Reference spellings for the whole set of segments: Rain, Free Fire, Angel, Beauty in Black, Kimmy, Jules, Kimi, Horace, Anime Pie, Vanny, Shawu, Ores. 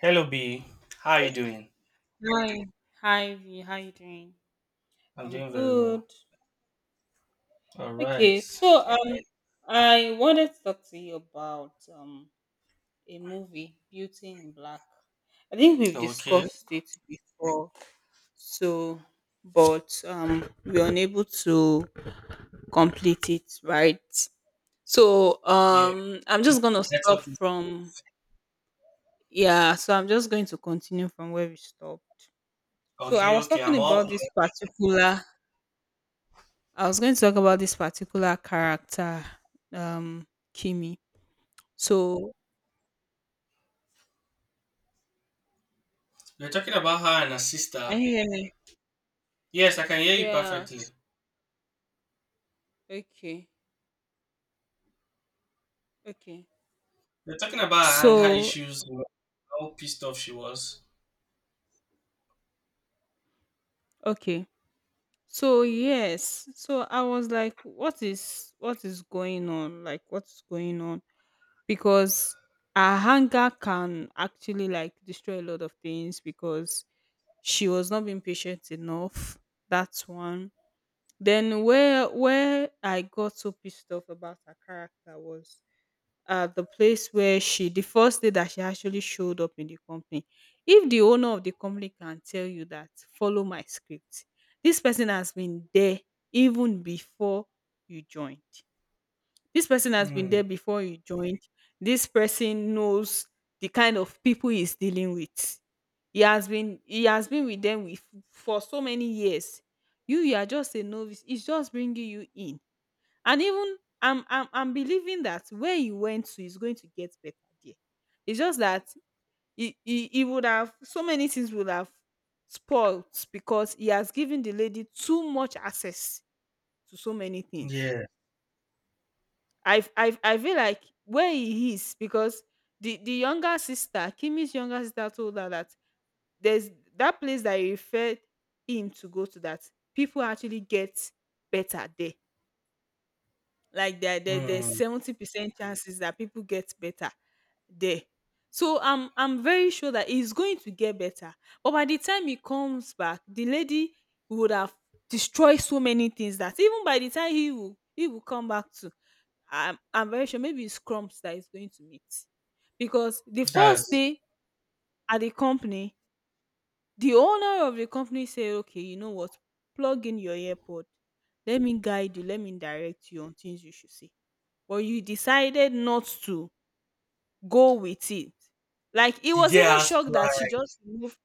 Hello B, how are you doing? Hi, V. How you doing? I'm I'm doing very well. good. All right. Okay, I wanted to talk to you about a movie, Beauty in Black. I think we've Okay. discussed it before, so but we are unable to complete it, right? So Yeah. um I'm just gonna stop Network from issues. yeah, so I'm just going to continue from where we stopped. So I Okay. was Okay. talking I'm all. about this particular I was going to talk about this particular character, um, Kimi. So, You're talking about her and her sister. can you hear me? Yes, I can hear you Yeah. perfectly. Okay. Okay. You're talking about her anger So, issues. How pissed off she was. okay. So yes. So I was like, what is going on? Like, what's going on? Because a hunger can actually like destroy a lot of things because she was not being patient enough. That's one. Then where I got so pissed off about her character was the place where she the first day that she actually showed up in the company. If the owner of the company can tell you that follow my script, this person has been there even before you joined. This person has been Hmm. there before you joined. This person knows the kind of people he's dealing with. He has been with them with, for so many years. You are just a novice, it's just bringing you in. And even I'm believing that where he went to is going to get better there. It's just that he would have so many things would have spoilt because he has given the lady too much access to so many things. Yeah. I feel like where he is because the younger sister, Kimmy's younger sister, told her that there's that place that he referred him to go to that people actually get better there. Like there's Hmm. 70% chances that people get better there. So I'm very sure that it's going to get better. But by the time he comes back, the lady would have destroyed so many things that even by the time he will come back to, I'm very sure maybe it's crumbs that he's going to meet. Because the first That's day at the company, the owner of the company said, okay, you know what? Plug in your earpod. Let me guide you, let me direct you on things you should see but you decided not to go with it. Like he the was girl even has shocked that she pride. just removed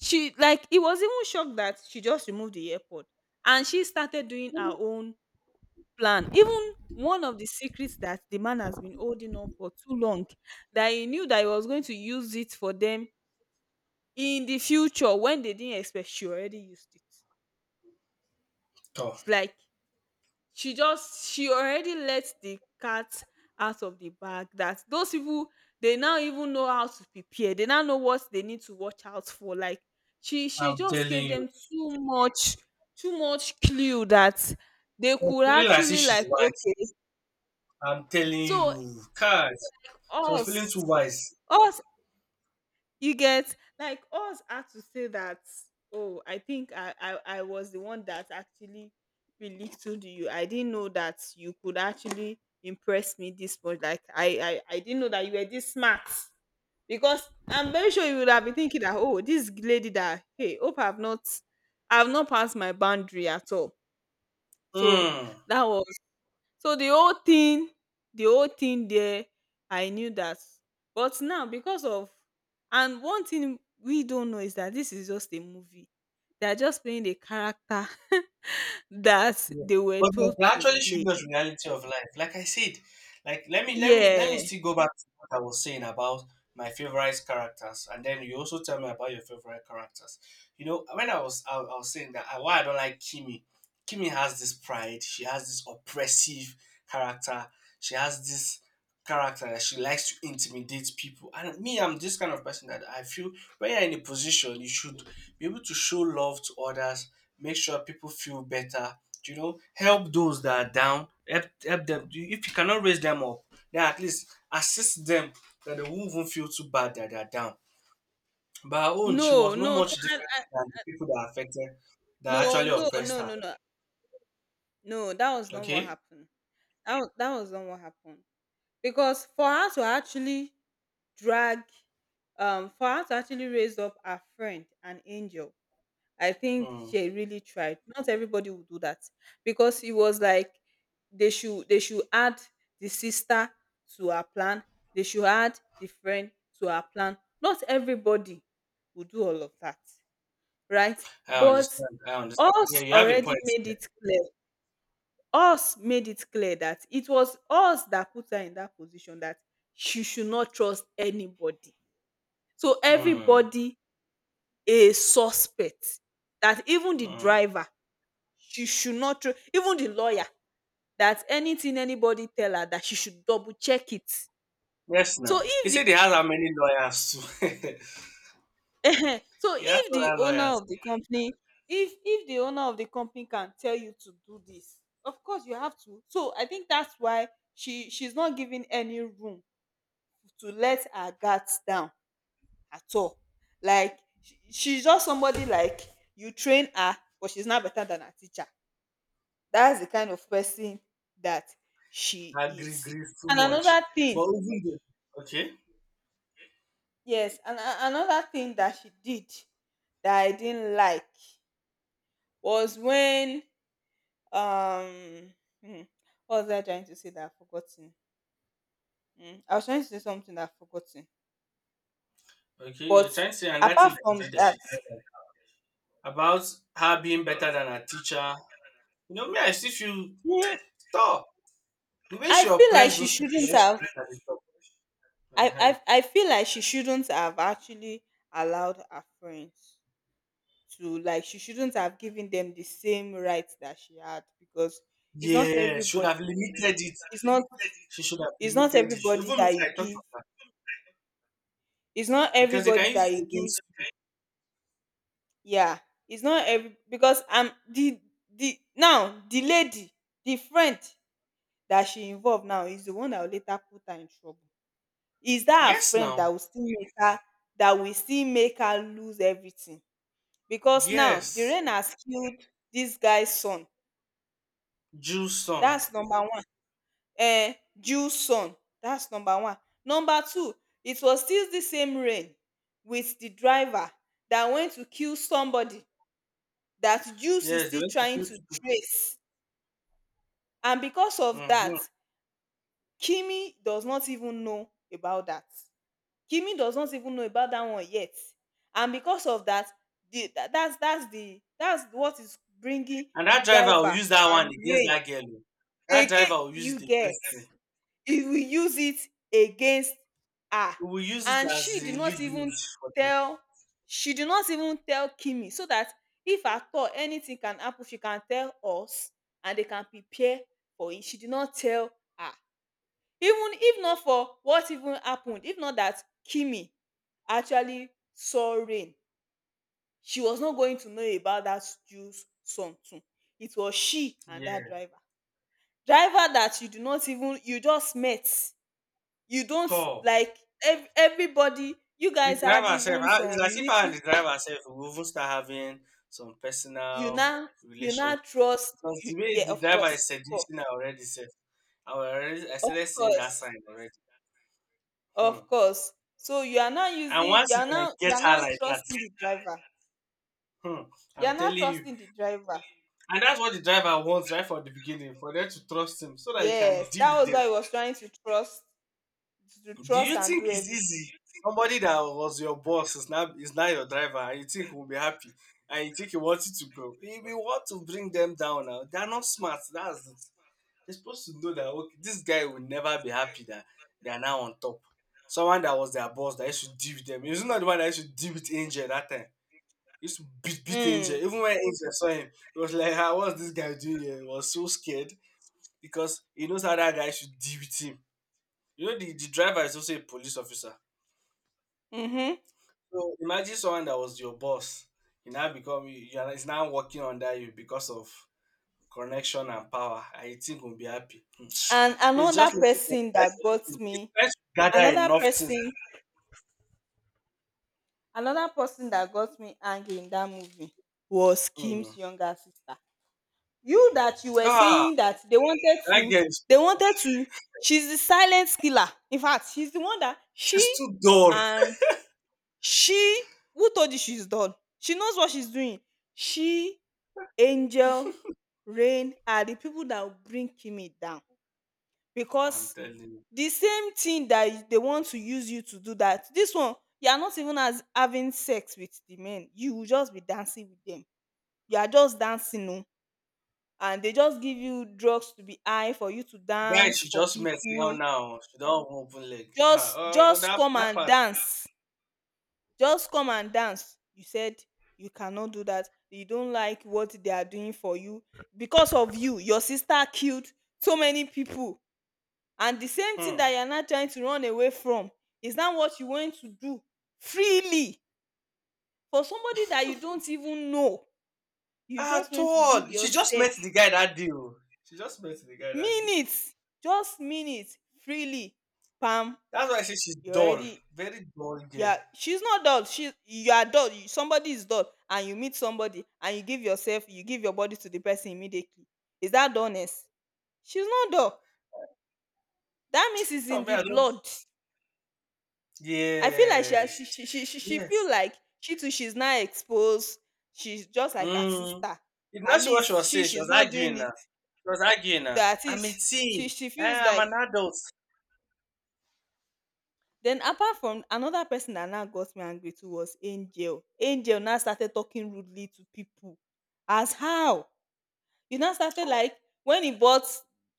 she like he was even shocked that she just removed the airpod and she started doing her own plan. Even one of the secrets that the man has been holding on for too long, that he knew that he was going to use it for them in the future when they didn't expect, she already used it. Oh, It's like she already let the cat out of the bag, that those people they now even know how to prepare, they now know what they need to watch out for. Like she I'm just telling gave you, them too much, too much clue that they she was could feeling like say actually she's like wise. okay. I'm telling So you, cause she was feeling us too wise. us You get, like, us had to say that. Oh, I think I was the one that actually belittled you. I didn't know that you could actually impress me this much. Like I didn't know that you were this smart because I'm very sure you would have been thinking that oh this lady that hey hope I've not passed my boundary at all. So Hmm. that was so the whole thing, the whole thing there, I knew that. But now because of and one thing we don't know is that this is just a movie. They are just playing the character that Yeah. they were But that told that to actually shows play. us reality of life. Like I said, like let me Yeah. still go back to what I was saying about my favorite characters, and then you also tell me about your favorite characters. You know, when I was saying that why I don't like Kimi. Kimi has this pride. She has this oppressive character. She has this character that she likes to intimidate people. And me, I'm this kind of person that I feel when you're in a position, you should be able to show love to others, make sure people feel better, you know, help those that are down, help them. If you cannot raise them up, then at least assist them that they won't even feel too bad that they're down. But her own, No, she was not no, much no, I, different I, than the people that are affected, that no, actually no, oppressed no, her. no, no. No, that was not what Okay? happened. That, that was not what happened. Because for her to actually drag for her to actually raise up her friend an angel, I think Hmm. she really tried. Not everybody would do that, because it was like they should add the sister to her plan. They should add the friend to her plan. Not everybody would do all of that, right? I But understand. I understand. Yeah, us you have a already point made there. it clear. Us made it clear that it was us that put her in that position that she should not trust anybody. So Hmm. everybody a suspect, that even the Hmm. driver, she should not tru- even the lawyer, that anything anybody tell her that she should double check it. Yes, So now. He if the said he has how many lawyers too. so He has if the other owner lawyers. of the company, if the owner of the company can tell you to do this, of course you have to. So I think that's why she's not giving any room to let her guards down at all. Like she's just somebody like you train her but she's not better than her teacher. That's the kind of person that she Agree, is. agree too And much. another thing, But even though, okay, yes, and another thing that she did that I didn't like was when um hmm, what was I trying to say that I've forgotten? Hmm, I was trying to say something that I've forgotten. okay, you're But trying to say, and that thing apart that she from did that she that, did that. About her being better than her teacher. You know, me, I still feel hmm, stop. The way I she feel like oppressed she those people shouldn't when she have put at the top. Uh-huh. I feel like she shouldn't have actually allowed her friends to she shouldn't have given them the same rights that she had, because it's not Yeah, should everybody, have limited it. it's not She should have it's not limited it. everybody Even if that you I talk give, it's not because they everybody can use that you it give, against. yeah, it's not every because the now the lady, the friend that she involved now is the one that will later put her in trouble, is that her Yes, friend that now. will still make her lose everything, because now the Yes, rain has killed this guy's son. Jew's son. That's number one. um Due sun, dats number one. Number two, it was still the same rain with the driver that went to kill somebody that Jews is Yes, they still went to trying kill to two trace, and because people. of that, Mhm. Kimi does not even know about that. Kimi does not even know about that one yet, and because of that, the tha- that's dats the that's what is bringing And the that driver will driver use that one and against rain that girl. Oh. That again, driver will use it you get, against them. he will use it against her. He will use it And as she did a not even leverage for them. tell, kimi, so that if at all anything can happen she can tell us and they can prepare for it. She did not tell her. Even if not for what even happened, if not that kimi actually saw rain, she was not going to know about that jews song too. It was she and that Yeah. driver, driver that you do not even you just met, you don't Tall. like, everybody you The guys had driver self, even ah, some it's as if I little, and the driver self will even start having some you personal now you now relations. trust, Because you, the way yeah the of driver course is for, seducing her already self, I was already I of started seeing that course, sign already. Hmm. of course, so you are now And using, once you can you get are her now like that, trusting the driver, hmm, you I'm are now telling you. trusting the driver. And that's what the driver wants right from the beginning, for them to trust him so that he can Yes, deal that with was them. why I was trying to trust, to Do trust you and think do it's everything. easy? Somebody that was your boss is now your driver, and you think will be happy, and you think he wants it to go. We want to bring them down now. They are not smart. That's it. They're supposed to know that okay, this guy will never be happy that they are now on top. Someone that was their boss that used to deal with them. He was not the one that used to deal with Angel that time. He used to beat Angel. Mm, Even when Angel saw him, he was like, "Ah, what's this guy doing here?" He was so scared because he knows how that guy should deal with him. You know, the driver is also a police officer. mm-hmm. So imagine someone that was your boss, you now become you are is now working under you because of connection and power, I you think will be happy. Hmm. And It's another just looking for the person right that got opportunity. It's me, trying to gather another enough things. person another person that got me angry in that movie was Hmm. Kim's younger sister. You that you were Ah, saying that that girl is they wanted to, she's the silent killer. In fact, she's the one that she's too dull. and she, who told you she's done? She knows what she's doing. She, Angel, Rain are the people that will bring Kimmy down, I'm because telling you. the same thing that they want to use you to do, that this one, you are not even as having sex with the men, you will just be dancing with them, you are just dancing o, and they just give you drugs to be high for you to Guy dance she for just met now people. now. She don't even open leg. Just Ah, oh, oh, that come that and part. dance, just come and dance you said you cannot do that, you don't like what they are doing for you, because of you your sister killed so many people, and the same thing Hmm. that you are now trying to run away from is now what you want to do freely for somebody that you don't even know. You just At want to give all. She just yourself met the guy that day. Oh. She just met the guy that day. minutes, just minutes, freely pam, That's why I say she's you dull. already. Very dull girl. Yeah, she's not dull, she you are dull, you, somebody is dull and you meet somebody and you give yourself, you give your body to the person immediately, is that dullness? She's not dull, that means it's So in me, the I don't. blood. I feel like Yes, she feel yes. like she's now exposed. She's just like her Mm. sister. If not, At she- what she least was saying, she she's was not doing arguing it. now. She was arguing now. That I'm a is teen. she feels Eh, I'm like. an adult. Then apart from, another person that now got me angry too was Angel. Angel now started talking rudely to people. As how? You now started Oh, like when he bought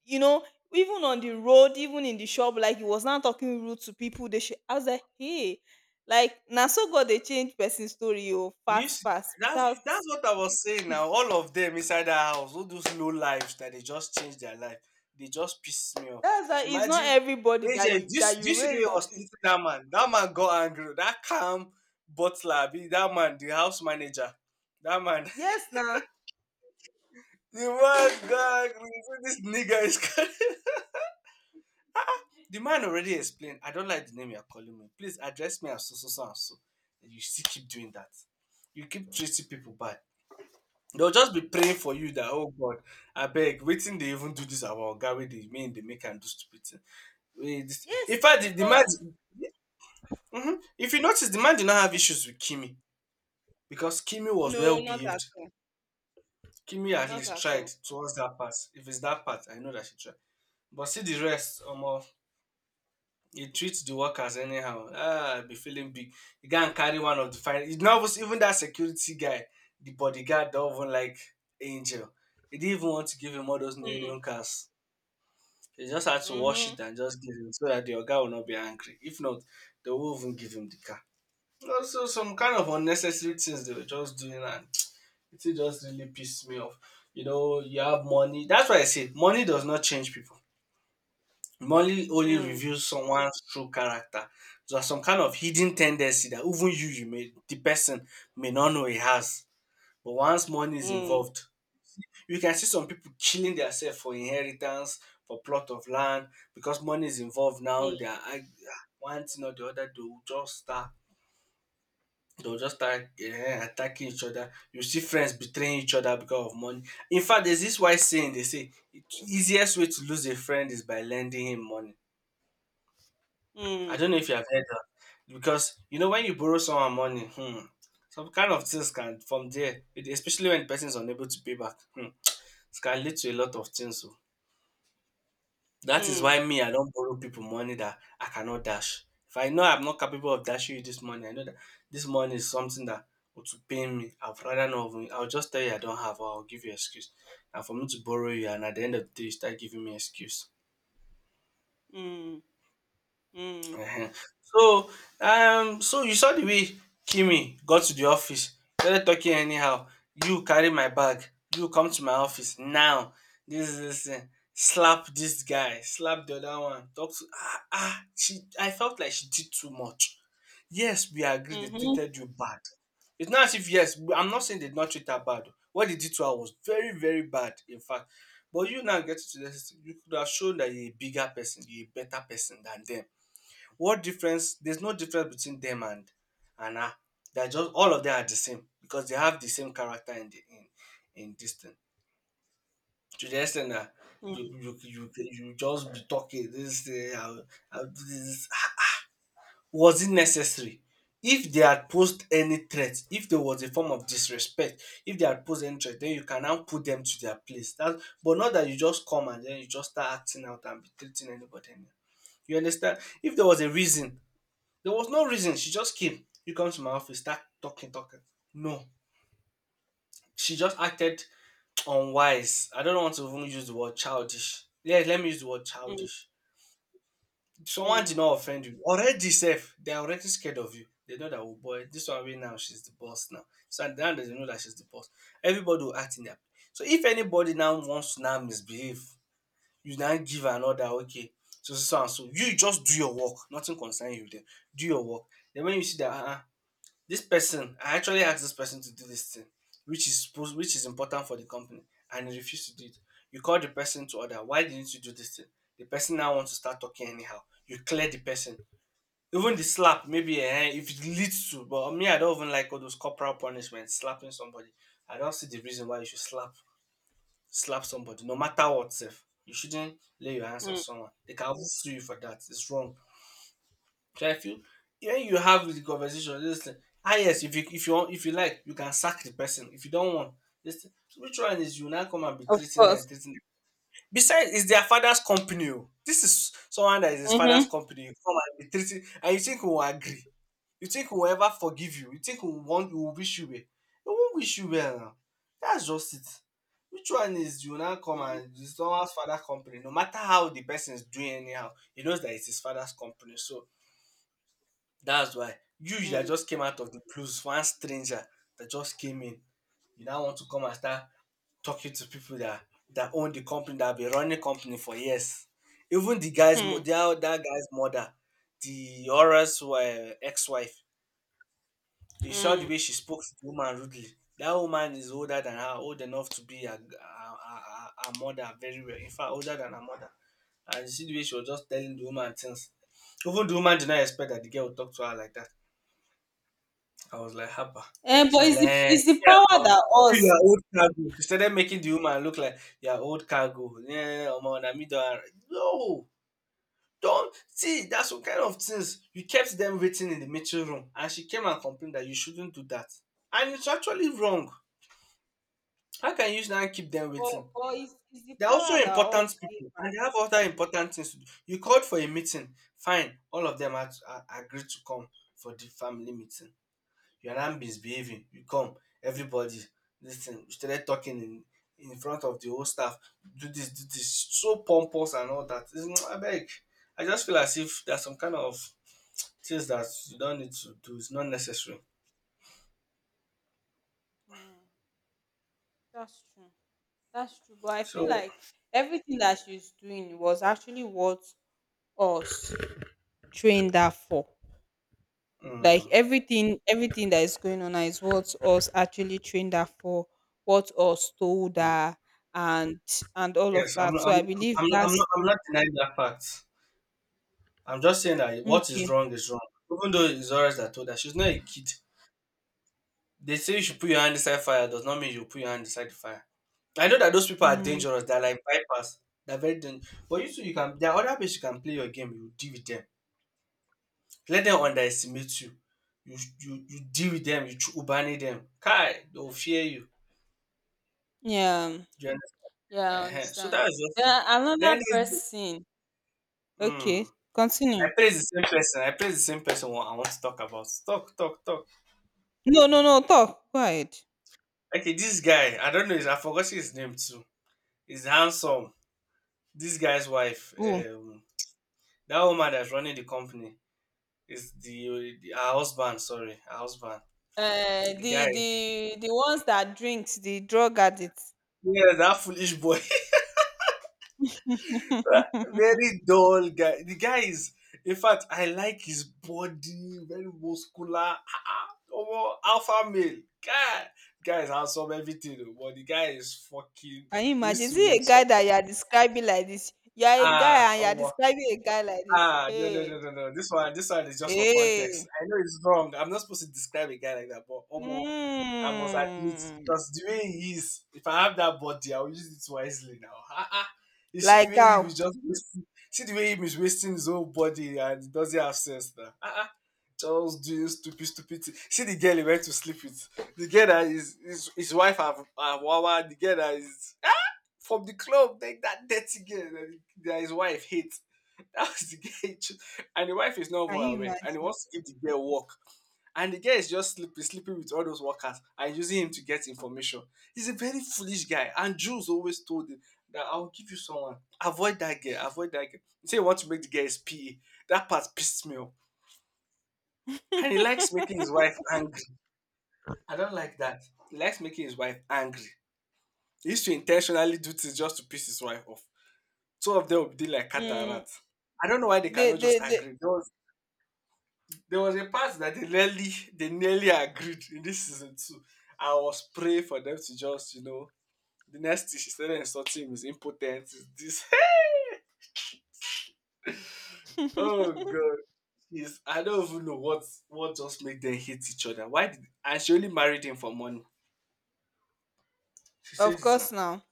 you know even on the road, even in the shop, like he was now talking rude to people. They should, I was like, hey, like na so God dey change person story o you fast see, fast without. that's what I was saying now. All of them inside that house, all those low lives that they just change their life. They just piss me off. That's why it's not Imagine, everybody that AJ, you this that you this way raise up was with. treating that man. That man got angry. That calm butler, be that man, the house manager. That man. Yes now. The man gag me. So this nigga is calling. The man already explained. I don't like the name you're calling me. Please address me as so so so and so. And you still keep doing that. You keep treating people bad. They'll just be praying for you that oh God, I beg, waiting they even do this our guy with the mean they make and do stupid thing. Wait, this- Yes In now fact, the man, because hmm, if you notice, the man did not have issues with Kimi because Kimi was no, well not at behaved. all. Kimi at Not least at tried all. towards that part. If it's that part, I know that she tried. But see the rest, he treats the workers anyhow. Ah, I be feeling big. The guy and carry one of the fine. It's not even that security guy, the bodyguard, don't even like Angel. He didn't even want to give him all those new Mm, union cars. He just had to wash mm-hmm, it and just give him so that the guy will not be angry. If not, they won't even give him the car. Also, some kind of unnecessary things they were just doing, and it just really pissed me off. You know, you have money. That's why I say money does not change people. Money only mm, reveals someone's true character. So, there's some kind of hidden tendency that even you, you may the person may not know he has. But once money is mm, involved, you can see some people killing themselves for inheritance, for plot of land, because money is involved now. They are arg- one thing or the other. They will just start. They will just start attacking each other. You see friends betraying each other because of money. In fact, there's this wise saying they say, "The easiest way to lose a friend is by lending him money." I mm, don't know if you have heard that because you know when you borrow someone money, hmm, some kind of things can from there, it- especially when the person is unable to pay back, hmm, it can lead to a lot of things. So that is mm, why me, I don't borrow people money that I cannot dash. If I know I'm not capable of dashing you this money, I know that this money is something that would to pay me. I'd rather not. Even- I'll just tell you I don't have, or I'll give you excuse. And for me to borrow you, and at the end of the day, you start giving me excuse. mm, mm, mm, Ehen. So, so you saw the way Kimi got to the office, started talking anyhow. You carry my bag. You come to my office now. This is this thing. Slap this guy. Slap the other one. Talk to ah ah. She. I felt like she did too much. Yes, we agree. They mm-hmm, treated you bad. It's not as if yes. We- I'm not saying they did not treat her bad. What they did to her was very very bad. In fact, but you now get to this. You could have shown that you're a bigger person. You're a better person than them. What difference? There's no difference between them and her. They're just all of them are the same because they have the same character in the in this thing. To the extent that you mm, you you, you just be talking this thing, I'll do this. Was it necessary? If they had posed any threat, if there was a form of disrespect, if they had posed any threat, then you can now put them to their place. That, but not that you just come and then you just start acting out and be treating anybody anyhow. You understand? If there was a reason there was no reason. She just came. You come to my office, start talking, talking. No. She just acted unwise. I don't want to even use the word childish. Yes, let me use the word mm, mm, childish. Someone did mm. not offend you. Already safe. They're already scared of you. They know that oh boy, this one right now, she's the boss now. So now they know that she's the boss. Everybody will act in their place. So if anybody now wants to now misbehave, you now give her another okay. So so so and so. You just do your work. Nothing concern you then. Do your work. Then when you see that this person I actually asked this person to do this thing which is important for the company, and he refused to do it. You call the person to order. Why didn't you do this thing? The person now wants to start talking anyhow. You clear the person. Even the slap maybe, if it leads to. But me, I don't even like all those corporal punishment slapping somebody. I don't see the reason why you should slap somebody no matter what sef. You shouldn't lay your hands on Mm. someone. They can sue you for that. It's wrong. So I feel when you have the conversation, this thing. Ah, yes, if you want, if you like, you can sack the person. If you don't want, this thing. So which one is you now come and be Of treating them, course. treating them. Besides, it's their father's company. Oh. This is someone that is his father's Mm-hmm. company. You come and be treating, and you think we will agree. You think we will ever forgive you. You think we will wish you well. We won't wish you well now. That's just it. Which one is you now come and it's someone's father's company? No matter how the person is doing anyhow, he knows that it's his father's company. So that's why you that Mm. just came out of the blues, one stranger that just came in, you now want to come and start talking to people that own the company that have been running company for years. Even the guy's mo- Hmm. that, that guy's mother, the Aura's ex-wife. You saw the Mm. way she spoke to the woman rudely. That woman is older than her, old enough to be her mother very well. In fact, older than her mother. And you see the way she was just telling the woman things. Even the woman did not expect that the girl would talk to her like that. I was like, Haba. Eh, She but was it's, like, the, "Eh, it's the yeah, bro. power that you us, your old cargo." She started making the woman look like your old cargo. Yeah, Omo, no, don't see that's what kind of things you kept them waiting in the meeting room, and she came and complained that you shouldn't do that. And it's actually wrong. How can you now keep them waiting? but it's the They're also power that important us give. people, and they have other important things to do. You called for a meeting, fine. All of them are agreed to come for the family meeting. Your ram misbehaving, you come, everybody listen. Thing. We started talking in front of the whole staff. Do this, so pompous and all that. It's, I beg. I just feel as if there's some kind of things that you don't need to do. It's not necessary. Mm. That's true. That's true. But I feel So like everything that she's doing was actually what us trained her for. Like mm, everything, everything that is going on now is what us actually trained her for. What us told her, and and all of yes, I'm that. not, So I'm, I believe I'm, I'm not, that's I'm not denying that fact. I'm just saying that what okay. is wrong is wrong. Even though it's always that told her she's not a kid. They say you should put your hand inside fire does not mean you put your hand inside the fire. I know that those people are Mm. dangerous. They're like vipers. They're very dangerous. But you too, you can. There are other people you can play your game. You deal with them. Let them underestimate you. You deal with them. You ubani them. Kai, they'll fear you. Yeah. Do you Yeah, I understand? So understand. that's just. Then another Then it's, person. mm, Okay, I continue. praise the same person. I praise the same person. What I want to talk about. Talk talk talk. No, no, no. Talk. Go ahead. Okay, this guy. I don't know. I forgot his name too. He's handsome. This guy's wife. Oh, That woman that's running the company. It's the her husband, sorry, her husband. the The guy. the ones that drinks the drug addicts. Yeah, that foolish boy. Very dull guy. The guy is in fact, I like his body, very muscular. Ah, ah, omo, alpha male. Guy. Guy is handsome, everything, oh, but the guy is fucking Can you he imagine? used Is to it a mess guy up. that you are describing like this? You are a guy Ah, and you are oh. describing a guy like this. Ah, no, no, Hey, no, no, no. This one is just for context. hey. I know it's wrong. I'm not supposed to describe a guy like that, but Omo, I must admit Mm. because the way he is, if I have that body, I'll use it wisely now. Ah, ah. You see the Like way he how? is just wasting, see the way he is wasting his whole body and it doesn't have sense now. Ah, ah. Just doing stupid, stupid. Thing. See the girl he went to sleep with. The girl that is his wife, have Wawa. The girl that is from the club, like that dirty girl that his wife hates. That was the girl he chose. And the wife is not even Can you aware. And he imagine? wants to give the girl work. And the guy is just sleeping, sleeping with all those workers and using him to get information. He's a very foolish guy. And Jules always told him that I'll give you someone. Avoid that girl. Avoid that girl. He said he wants to make the guy his PE. That part pissed me off. And he likes making his wife angry. I don't like that. He likes making his wife angry. He used to intentionally do things just to piss his wife off. Two of them will be doing like cat and Mm. rat. I don't know why they The cannot the just the. agree. There was a part that they nearly agreed in this season 2. I was praying for them to just the next thing she started insulting him is impotent is this. Oh god, is I don't even know what just made them hate each other. Why did and she only married him for money? She said Of it now. course now.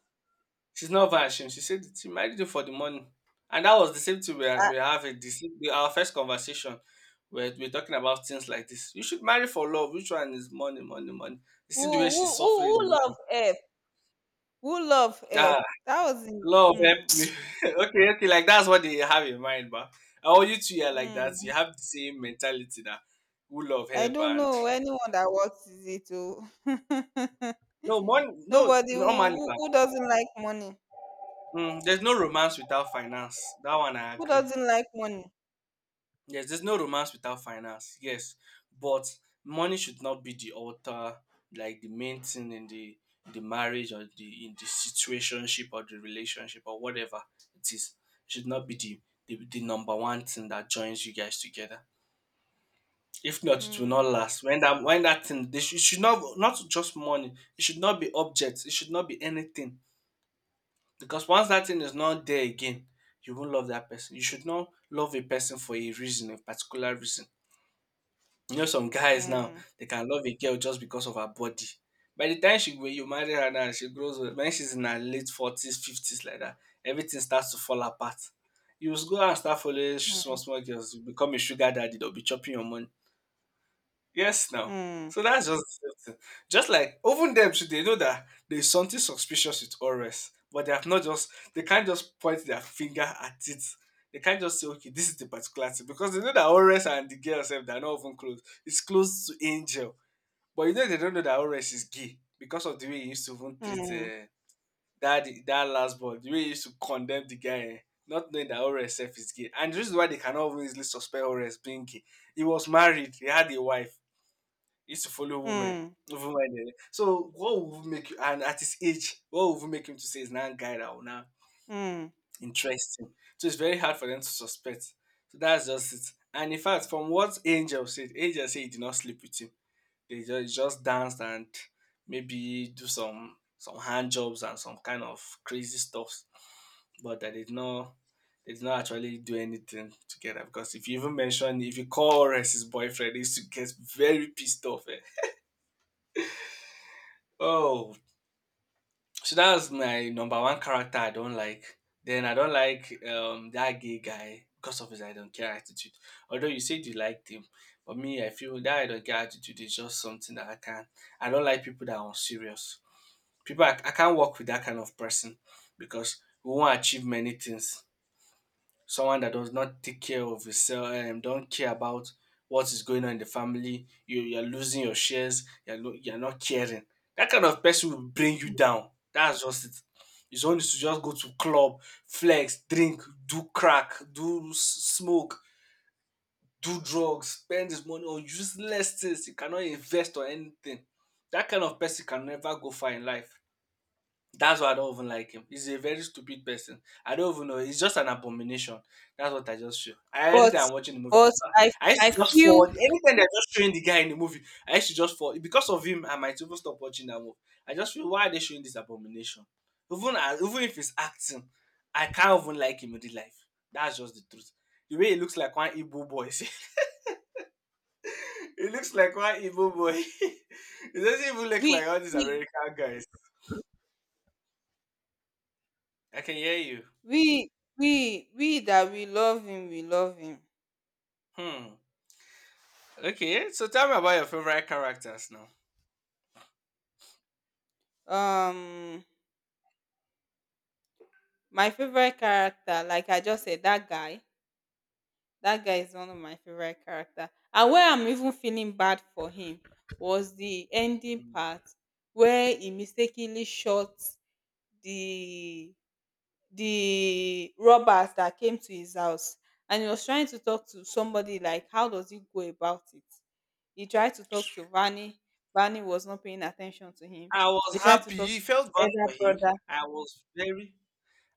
She's not over ashamed. She said she married him for the money. And that was the same thing we are, Ah, we have it. This our first conversation. We're talking about things like this. You should marry for love. Which one is money, money, money? You see the way who she's who who suffering the who love man. F? Who love F? Ah, That was in love help me. Okay, okay, like that's what they have in mind, but oh, you two are like that. mm. You have the same mentality that who love I help don't and know anyone that works, is it? no money, no Nobody who, normally, who man. who doesn't like money. Mm, there's no romance without finance. That one I Who agree. doesn't like money? Yes, there's no romance without finance. Yes, but money should not be the altar, like the main thing in the marriage or the in the situationship or the relationship or whatever it is. It should not be the number one thing that joins you guys together. If not, it will not Mm, last. When that thing, they should, it should not just money. It should not be objects. It should not be anything. Because once that thing is not there again, you won't love that person. You should not love a person for a reason, a particular reason. You know some guys now, mm, they can love a girl just because of her body. By the time she when you marry her now, she grows old. When she's in her late 40s, 50s like that, everything starts to fall apart. You will go and start following small mm, small girls, you become a sugar daddy, they'll be chopping your money. Yes, now. mm, So that's just the same thing. Just like even them should they know that there's something suspicious with Ores, but they can't just point their finger at it. They can't just say, okay, this is the particular thing because they know that Ores and the girl herself they are not even close. It's close to Angel, but you know they don't know that Ores is gay because of the way he used to even treat mm, that last boy, the way he used to condemn the guy, eh, not knowing that Ores herself is gay. And the reason why they cannot even easily suspect Ores being gay, he was married, he had a wife used to follow women. mm, Even when so what would make you and at his age, what would make him to say is now a guy that will now mm. interest him? So it's very hard for them to suspect. So that's just it. And in fact, from what Angel said he did not sleep with him. They just danced and maybe do some hand jobs and some kind of crazy stuff. But they did not actually do anything together because if you call Ores his boyfriend, he used to get very pissed off. Eh. Oh, so that's my number one character I don't like. Then I don't like that gay guy because of his I don't care attitude. Although you said you liked him, but me I feel that I don't care attitude is just something that I can't. I don't like people that are unserious. People I can't work with that kind of person, because we won't achieve many things. Someone that does not take care of yourself and don't care about what is going on in the family, you're losing your shares, you're you're not caring. That kind of person will bring you down, that's just it. His only to just go to club, flex, drink, do crack, do smoke, do drugs, spend his money on useless things, you cannot invest or anything. That kind of person can never go far in life. That's why I don't even like him. He's a very stupid person. I don't even know. He's just an abomination. That's what I just feel. I, But anytime I'm watching the movie, but I I I used I to just feel forward. Anytime they're just showing the guy in the movie, I used to just forward. Because of him, I might even stop watching that movie. I just feel, why are they showing this abomination? Even if he's acting, I can't even like him in real life. That's just the truth. The way he looks like one Igbo boy. He looks like one Igbo boy. He doesn't even look like we all these we American guys. I can hear you. we we that we love him, we love him. Hmm. Okay, so tell me about your favorite characters now. Um my favorite character, like I just said, that guy. That guy is one of my favorite character, and where I'm even feeling bad for him was the ending Mm. part where he mistakenly shot the the robbers that came to his house. And he was trying to talk to somebody, like how does he go about it? He tried to talk to Vani. Vani was not paying attention to him. I He was tried to happy. talk to It felt his bad for elder him. brother. I was very,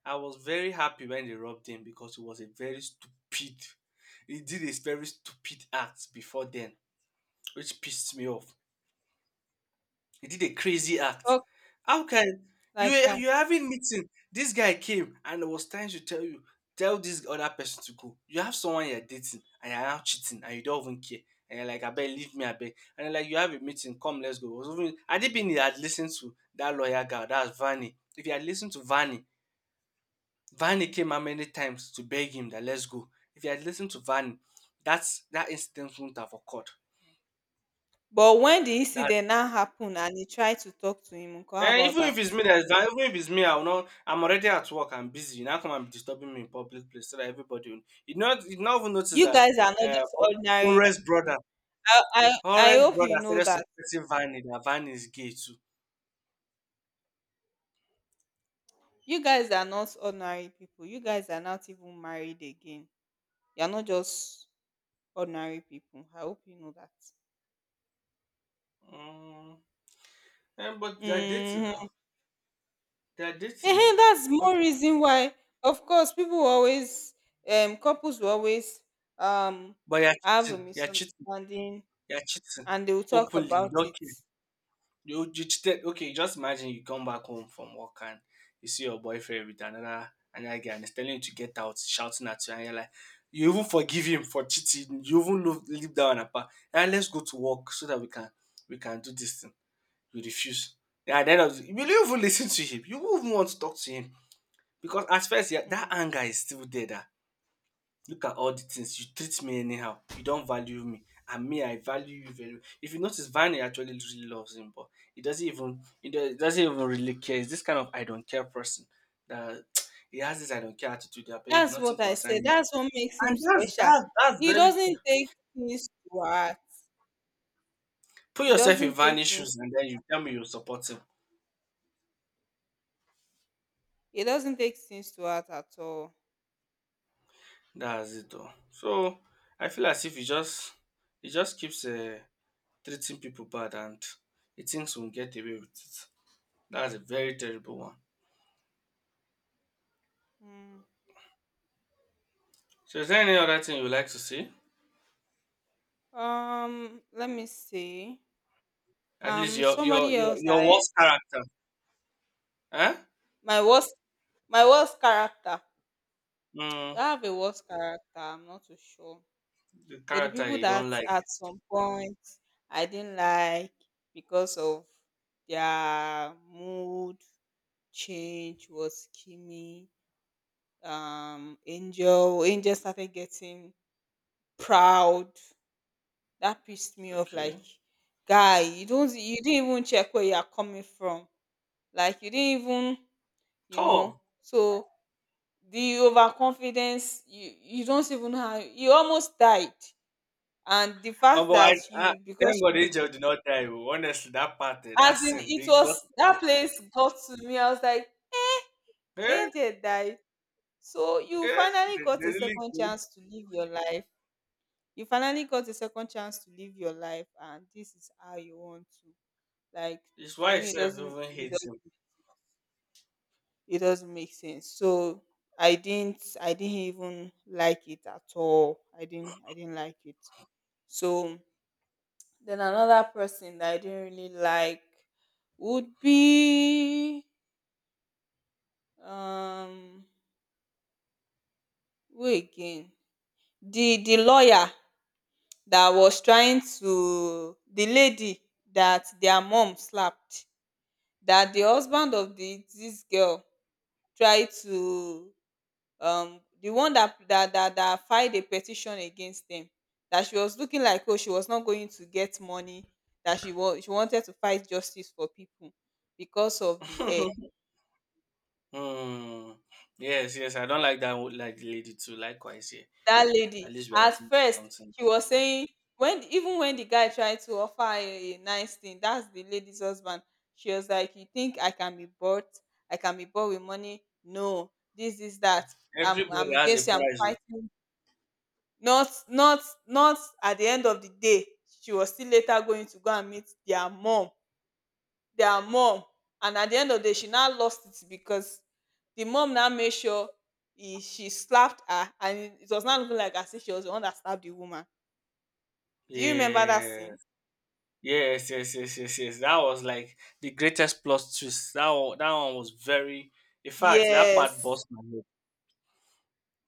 I was very happy when they robbed him, because he was a very stupid. He did a very stupid act before then, which pissed me off. He did a crazy act. Talk How can you like were you're having meeting? This guy came and was trying to tell you, tell this other person to go. You have someone you're dating and you're now cheating and you don't even care. And you're like, I beg, leave me, I beg. And you're like, you have a meeting, come, let's go. It was even, had it been he had listened to that lawyer girl, that's Vanny. If he had listened to Vanny, Vanny came how many times to beg him, that let's go. If he had listened to Vanny, that incident wouldn't have occurred. but when the That. incident now happened and he tried to talk to him uncle, how Eh, about even if that? it's me that's down, even if it's me, I'll not. I'm already at work. I'm busy. You now come and be disturbing me in public place, so that everybody, you not even notice You that. guys are not Uh, just ordinary Horace brother, people. I Horace hope brother you know started that. suspecting Vanny, that Vanny is gay too. You guys are not ordinary people. You guys are not even married again. You are not just ordinary people. I hope you know that. Mm. Eh, but they're dating now. Mm-hmm. They're dating now. That's But more reason why, of course, people will always, couples will always um but you're have a cheating. You're cheating. misunderstanding You're cheating and they will talk openly. You about don't it. care. You cheated. Okay, just imagine you come back home from work and you see your boyfriend with another guy and he's telling you to get out, shouting at you, and you're like, you even forgive him for cheating. You even leave, leave that one apart. And let's go to work so that we can do this thing. You refuse. Yeah, at the end of the, will you even listen to him? You won't even want to talk to him, because at first, yeah, that Mm. anger is still there. That. Look at all the things, you treat me anyhow. You don't value me, and me I value you very well. If you notice, Vani actually really loves him, but he doesn't even really care. He's this kind of I don't care person, that he has this I don't care attitude, that babe, That's nothing what I concerns said. me. That's what makes him And that's special. that's that's He very true. doesn't take things to heart. Put He yourself in doesn't take Vanny's things. shoes, and then you tell me you support him. He doesn't take things to heart at all. That's it, though. So I feel as if he just he just keeps treating people bad, and he thinks we'll get away with it. That's a very terrible one. Mm. So is there any other thing you would like to see? Let me see. At least your your Somebody your, else. your I worst character. Eh? My worst, my worst character. Do Mm, I have a worst character? I'm not too sure. the But the character people you don't that like. at some point I didn't like because of their mood change was Kimmy. Angel. Angel started getting proud. That pissed me off, like, Okay. "Guy, you don't, you didn't even check where you are coming from. Like you didn't even, you know." Tough. So the overconfidence, you don't even have, you almost died. And the Oh, fact that I you thank because God you, Angel did not die. Oh. Honestly, that part, eh, that as in scene, it they got. was that place got to me. I was like, Yeah, Angel died. So you yeah, finally got a they really second good. chance to live your life. You finally got a second chance to live your life, and this is how you want to. Like His to wife me, it self doesn't, even hates it doesn't make sense. So I didn't even like it at all. I didn't like it. So then another person that I didn't really like would be um who again? The lawyer that was trying to, the lady that their mom slapped, that the husband of the this girl tried to, the one that that filed a petition against them, that she was looking like, oh, she was not going to get money, that she wanted to fight justice for people because of the air. him. Hmm. Yes, yes, I don't like that like the lady too. Likewise, yeah. That At lady, least we are at doing first something. she was saying, when even when the guy tried to offer her a nice thing, that's the lady's husband. She was like, you think I can be bought? I can be bought with money? No, this is that Everybody I'm has a against you, I'm price. Oh. fighting, not, not, not. At the end of the day, she was still later going to go and meet their mom, their mom. And at the end of the day, she now lost it because the mom now made sure he, she slapped her, and it was not looking like as if she was the one that slapped the woman. Do you remember that Yeah. scene? Yes, yes, yes, yes, yes. That was like the greatest plot twist. That one was very. In fact, that part Yes. bust my head.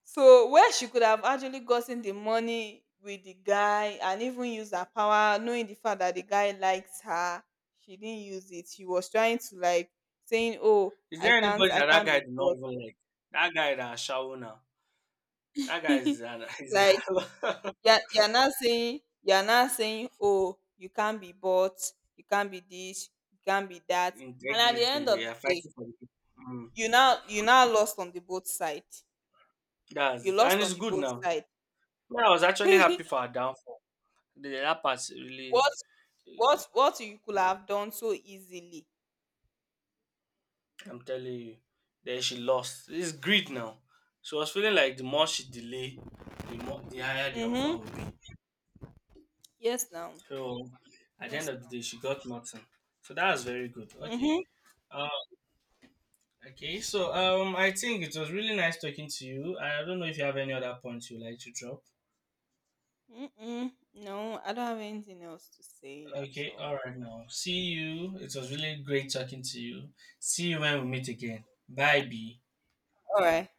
So where she could have actually gotten the money with the guy and even used her power, knowing the fact that the guy likes her, she didn't use it. She was trying to like saying, "Oh, Is there anybody I that that can't guy be did not bought." even like? That guy that Shawu now. That guy is an is Like a you're not saying, "Oh, you can't be bought, you can't be this, you can't be that." And at the integrity. end of the Yeah, day, fighting for the people. Mm, you now lost on the both side. that's You it, and lost on it's the good both now. side. Man, I was actually happy for her downfall. The, that part really, What what you could have done so easily. I'm telling you, then she lost. It's greed now. She was feeling like the more she delay, the more the higher the offer Mhm. would be. Yes, now. So at the end Yes. of the day, she got nothing. So that was very good. Okay. Mhm. Uh, okay. So I think it was really nice talking to you. I don't know if you have any other points you'd like to drop. Mm-mm. No, I don't have anything else to say at Okay. all. All right. Now, see you. It was really great talking to you. See you when we meet again. Bye, B. All right.